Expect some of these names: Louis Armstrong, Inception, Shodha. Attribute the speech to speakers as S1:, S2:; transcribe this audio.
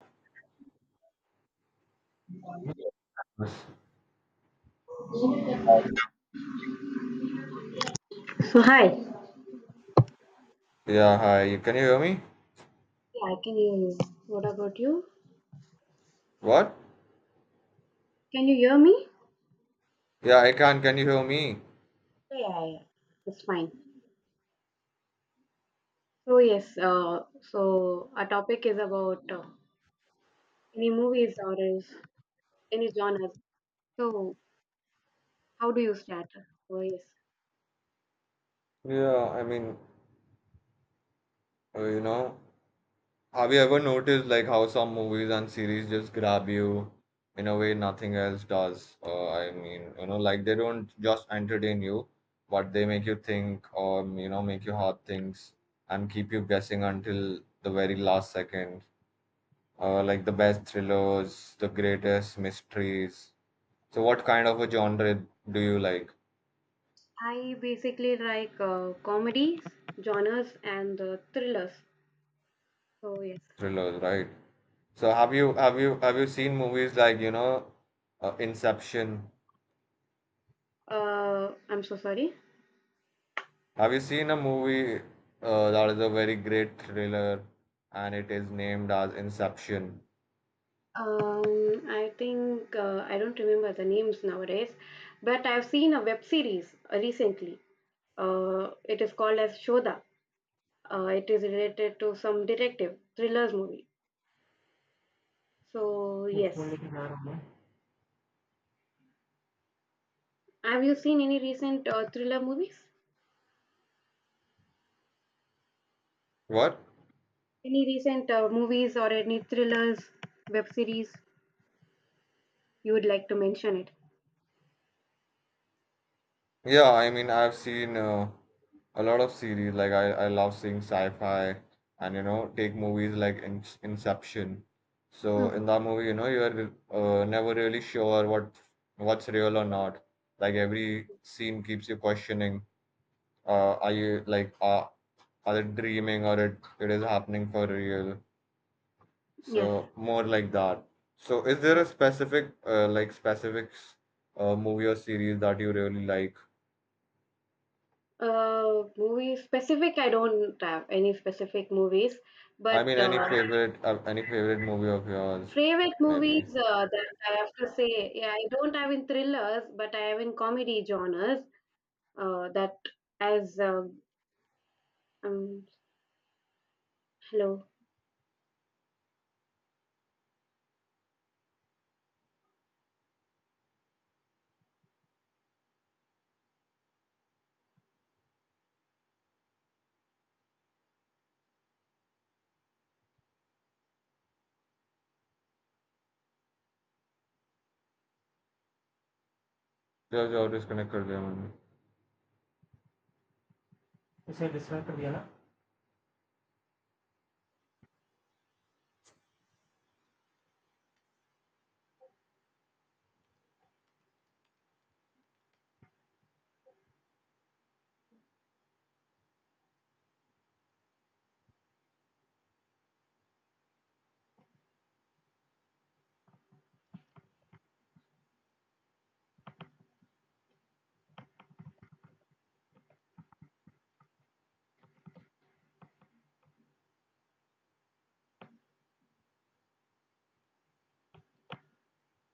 S1: So hi, yeah,
S2: Yeah, hi. Can you hear me?
S1: I can hear you. What about you?
S2: What?
S1: Can you hear me?
S2: Yeah, I can. Can you hear me?
S1: Yeah, yeah, yeah. It's fine. So yes, so our topic is about any movies or is any genres. So how do you start? So yes,
S2: Yeah, I mean, uh, you know, have you ever noticed like how some movies and series just grab you in a way nothing else does? I mean, you know, like they don't just entertain you, but they make you think or, you know, make you hard things and keep you guessing until the very last second. Like the best thrillers, the greatest mysteries. So, what kind of a genre do you like?
S1: I basically like comedies, genres, and thrillers. So yes,
S2: Thrillers, right? So have you seen movies like Inception?
S1: I'm so sorry.
S2: Have you seen a movie that is a very great thriller and it is named as Inception?
S1: I think I don't remember the names nowadays, but I've seen a web series recently. It is called as Shodha. It is related to some detective thrillers movie. So yes, have you seen any recent thriller movies?
S2: What?
S1: Any recent movies or any thrillers, web series you would like to mention it?
S2: Yeah, I've seen a lot of series like I love seeing sci-fi and you know take movies like In Inception. So
S1: Mhm.
S2: in that movie, you're never really sure what what's real or not. Like every scene keeps you questioning are you like are it dreaming or it is happening for real,
S1: Yes.
S2: so more like that. So is there a
S1: Yes.
S2: specific like specifics movie or series that you really like?
S1: Movie specific, I don't have any specific movies,
S2: I
S1: but
S2: mean, any favorite movie of yours
S1: favorite
S2: maybe?
S1: movies that I have to say, yeah, I don't have in thrillers, but I have in comedy genres that has um hello
S2: जो और disconnect कर दिया मैंने इसे disconnect कर दिया ना.